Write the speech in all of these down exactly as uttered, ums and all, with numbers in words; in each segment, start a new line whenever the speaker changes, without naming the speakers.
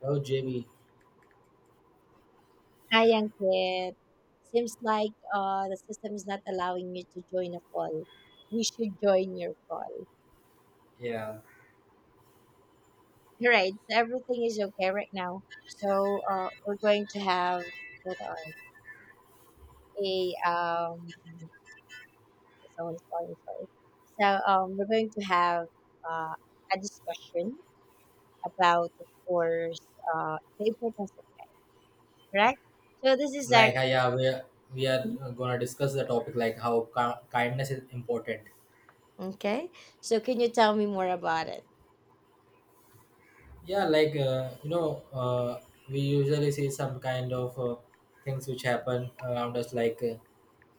Oh, Jamie.
Hi, Ankit. Seems like uh, the system is not allowing you to join a call. We should join your call.
Yeah.
Right, so everything is okay right now. So uh, we're going to have hold on, a um, someone's calling. Sorry. So um, we're going to have uh, a discussion about, of course, uh, the importance of correct. So this is
Like, uh,
actually
yeah, we are, we are gonna discuss the topic like how ki- kindness is important.
okay. So can you tell me more about it?
Yeah, like uh, you know, uh, we usually see some kind of uh, things which happen around us, like, uh,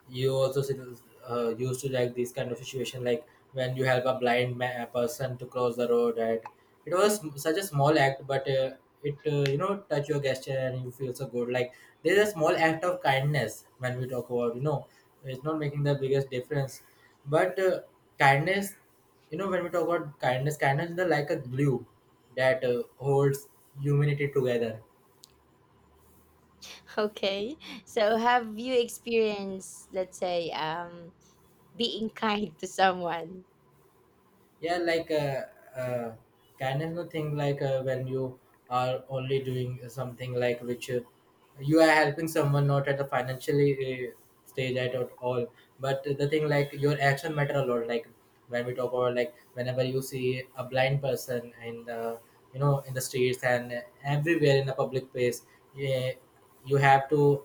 you also see this, uh, used to like this kind of situation like when you help a blind ma- person to cross the road, right? It was such a small act, but uh, it, uh, you know touch your gesture and you feel so good. Like there's a small act of kindness when we talk about, you know it's not making the biggest difference, but uh, kindness, you know when we talk about kindness, kindness is the, like a glue that uh, holds humanity together.
Okay. So have you experienced, let's say, um, being kind to someone?
yeah like uh, uh Kindness, no thing like, uh, when you are only doing something like which, uh, you are helping someone not at the financially, uh, stage at all. But the thing like your action matter a lot. Like when we talk about like whenever you see a blind person in the, you know in the streets and everywhere in the public place, yeah, you have to,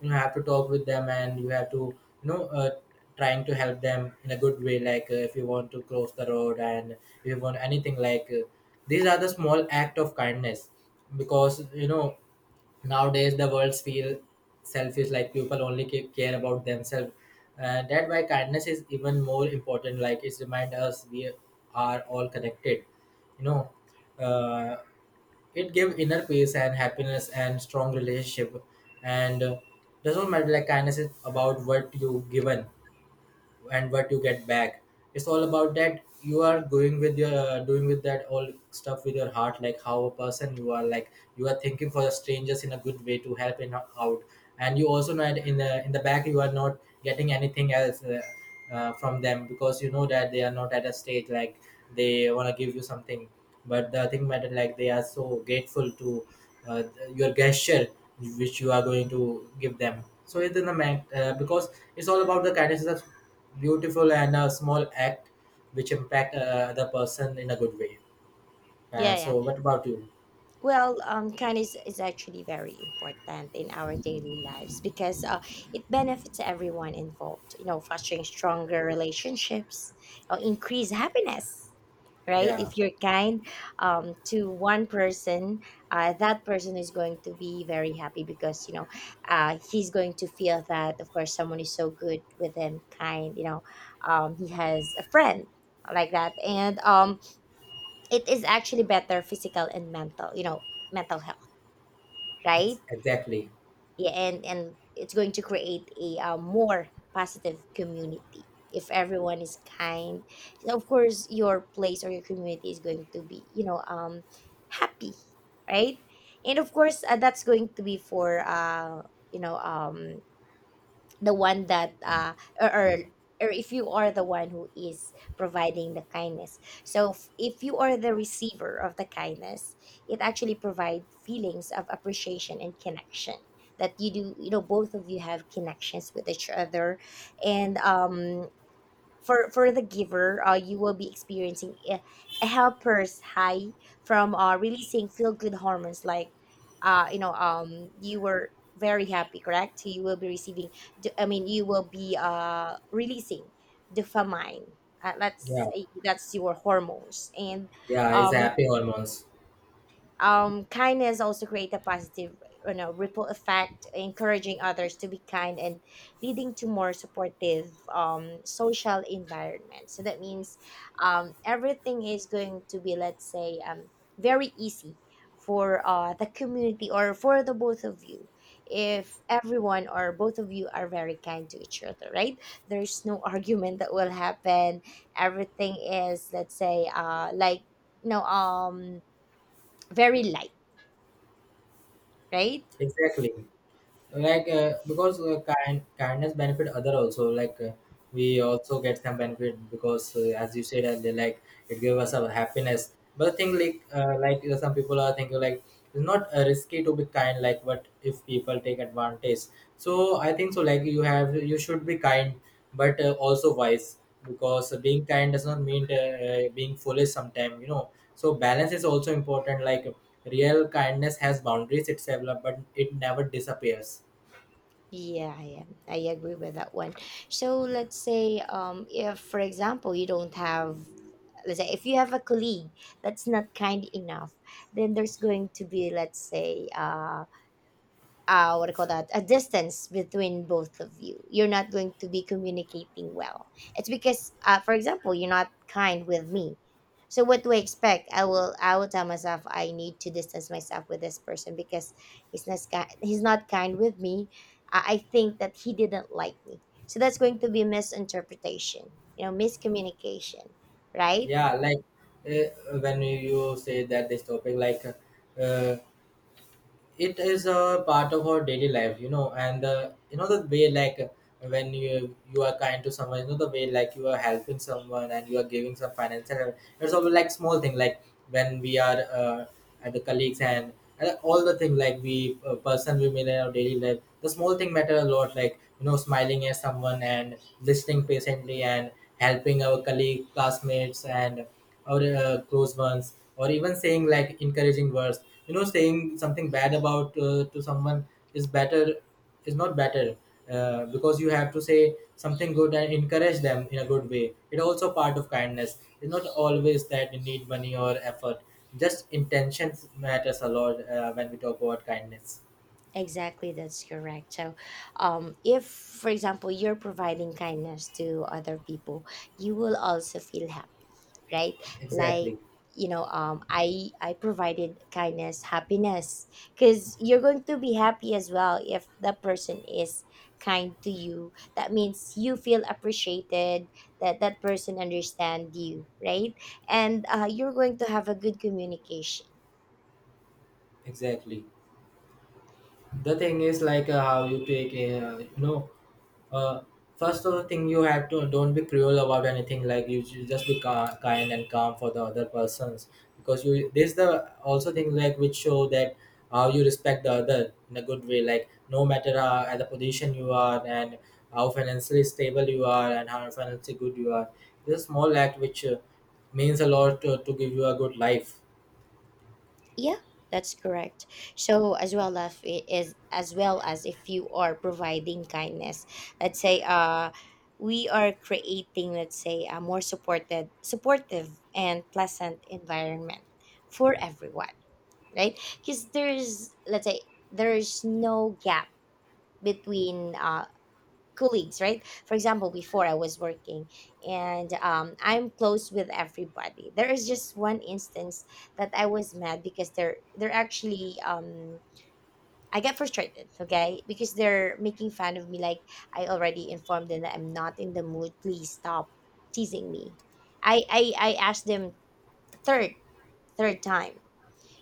you know, have to talk with them, and you have to, you know uh, trying to help them in a good way, like, uh, if you want to cross the road and if you want anything, like. Uh, these are the small act of kindness, because you know nowadays the world feel selfish, like people only ca- care about themselves. Uh, that why kindness is even more important. Like it remind us we are all connected, you know uh, it gave inner peace and happiness and strong relationship. And uh, doesn't matter, like kindness is about what you given and what you get back. It's all about that you are going with your doing with that all stuff with your heart. Like how a person you are, like you are thinking for the strangers in a good way to help in out, and you also know that in the in the back you are not getting anything else, uh, uh, from them, because you know that they are not at a stage like they want to give you something. But the thing matter, like they are so grateful to, uh, your gesture, which you are going to give them. So it's in the man, uh, because it's all about the kindness, beautiful and a small act which impact, uh, the person in a good way. Uh,
Yeah, yeah.
so what about you?
Well, um, kindness is actually very important in our daily lives, because uh, it benefits everyone involved. You know, fostering stronger relationships, uh, increase happiness. Right?
Yeah,
If you're kind um, to one person, uh, that person is going to be very happy, because you know uh, he's going to feel that, of course, someone is so good with him, kind. You know, um, he has a friend like that, and um, it is actually better physical and mental you know mental health,
it's
right?
exactly.
Yeah, and and it's going to create a uh, more positive community if everyone is kind. So of course your place or your community is going to be, you know um happy, right? And of course uh, that's going to be for uh you know um the one that, uh or, or or if you are the one who is providing the kindness. So f- if you are the receiver of the kindness, it actually provides feelings of appreciation and connection, that you do, you know both of you have connections with each other. And um for for the giver, uh, you will be experiencing a, a helper's high from uh, releasing feel good hormones, like uh, you know um you were very happy, correct? You will be receiving. d- I mean, you will be uh releasing dopamine. Uh, that's
Yeah,
eh, that's your hormones, and
yeah, it's
um,
happy hormones.
um, kindness also create a positive, you know ripple effect, encouraging others to be kind and leading to more supportive um, social environment. So that means um, everything is going to be, let's say, um, very easy for uh, the community, or for the both of you, if everyone or both of you are very kind to each other, right? There's no argument that will happen. Everything is, let's say, uh, like, you know um very light, right?
Exactly. like uh, because uh, kind kindness benefit other also, like, uh, we also get some benefit, because, uh, as you said, uh, they like it gave us a happiness. But the thing like, uh, like uh, some people are thinking like it's not, uh, risky to be kind, like what if people take advantage. So I think so, like you have, you should be kind, but uh, also wise, because being kind does not mean, uh, uh, being foolish sometimes, you know. So balance is also important, like real kindness has boundaries itself but it never disappears.
Yeah, yeah, I agree with that one. So let's say, um, if for example you don't have, let's say if you have a colleague that's not kind enough, then there's going to be, let's say, uh, uh, what do you call that, a distance between both of you. You're not going to be communicating well. It's because uh, for example, you're not kind with me. So what do I expect? I will, I will tell myself I need to distance myself with this person, because he's not ki- he's not kind with me. I I think that he didn't like me, so that's going to be misinterpretation, you know miscommunication, right?
yeah like uh, when you say that this topic, like, uh, it is a part of our daily life, you know. And uh, you know the way like when you you are kind to someone, you know the way like you are helping someone and you are giving some financial help. It's all like small thing, like when we are, uh, at the colleagues and and all the thing, like we, uh, person we meet in our daily life, the small thing matter a lot. Like, you know, smiling at someone and listening patiently and helping our colleague classmates and or, uh, close ones, or even saying like encouraging words. You know, saying something bad about, uh, to someone is better is not better, uh, because you have to say something good and encourage them in a good way. It also part of kindness. It's not always that you need money or effort, just intentions matters a lot, uh, when we talk about kindness.
Exactly, that's correct. So, um, if, for example, you're providing kindness to other people, you will also feel happy, right? Like,
Exactly.
you know, um, I I provided kindness, happiness, because you're going to be happy as well if that person is kind to you. That means you feel appreciated. That that person understand you, right? And uh, you're going to have a good communication.
Exactly. The thing is like, uh, how you take, uh, you know Uh, first of the thing, you have to don't be cruel about anything. Like you should just be ca- kind and calm for the other persons, because you. This the also thing like which show that how you respect the other in a good way. Like no matter how, at the position you are, and how financially stable you are, and how financially good you are. This small act which, uh, means a lot to, to give you a good life.
Yeah, that's correct. So as well as it is as well as if you are providing kindness, let's say uh we are creating, let's say, a more supported supportive and pleasant environment for everyone, right? Because there's, let's say, there's no gap between uh colleagues, right? For example, before I was working, and um, I'm close with everybody, there is just one instance that I was mad, because they're they're actually um I get frustrated, okay, because they're making fun of me. Like, I already informed them that I'm not in the mood, please stop teasing me. I i, I asked them third third time,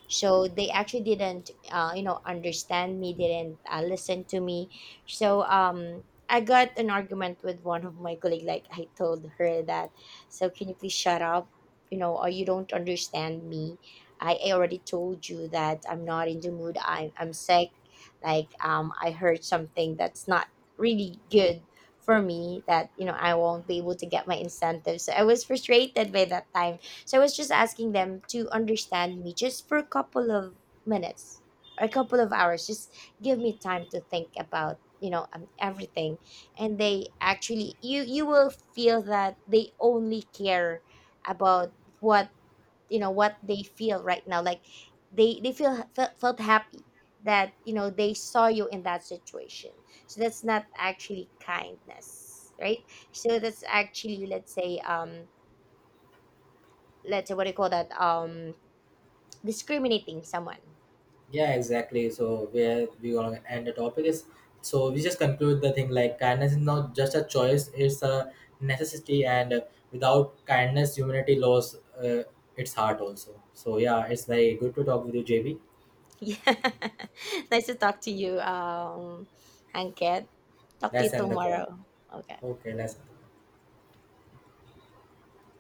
so they actually didn't uh, you know understand me, didn't uh, listen to me. So um I got an argument with one of my colleague, like I told her that, so can you please shut up? You know, or you don't understand me? I, I already told you that I'm not in the mood, I, i'm sick, like um I heard something that's not really good for me, that you know I won't be able to get my incentive, so I was frustrated by that time. So I was just asking them to understand me, just for a couple of minutes, or a couple of hours. Just give me time to think about, you know um, everything. And they actually, you you will feel that they only care about what, you know, what they feel right now, like they they feel felt, felt happy, that you know they saw you in that situation. So that's not actually kindness, right? So that's actually, let's say, um let's say, what do you call that, um discriminating someone.
Yeah, exactly. So where we gonna end the topic is, so we just conclude the thing like kindness is not just a choice; it's a necessity. And uh, without kindness, humanity lost, uh, its heart also. So yeah, it's very good to talk with you, J B.
Yeah. Nice to talk to you, um, Hanket. Talk to
Let's
you
end the call.
tomorrow. Okay.
Okay, let's. End the call.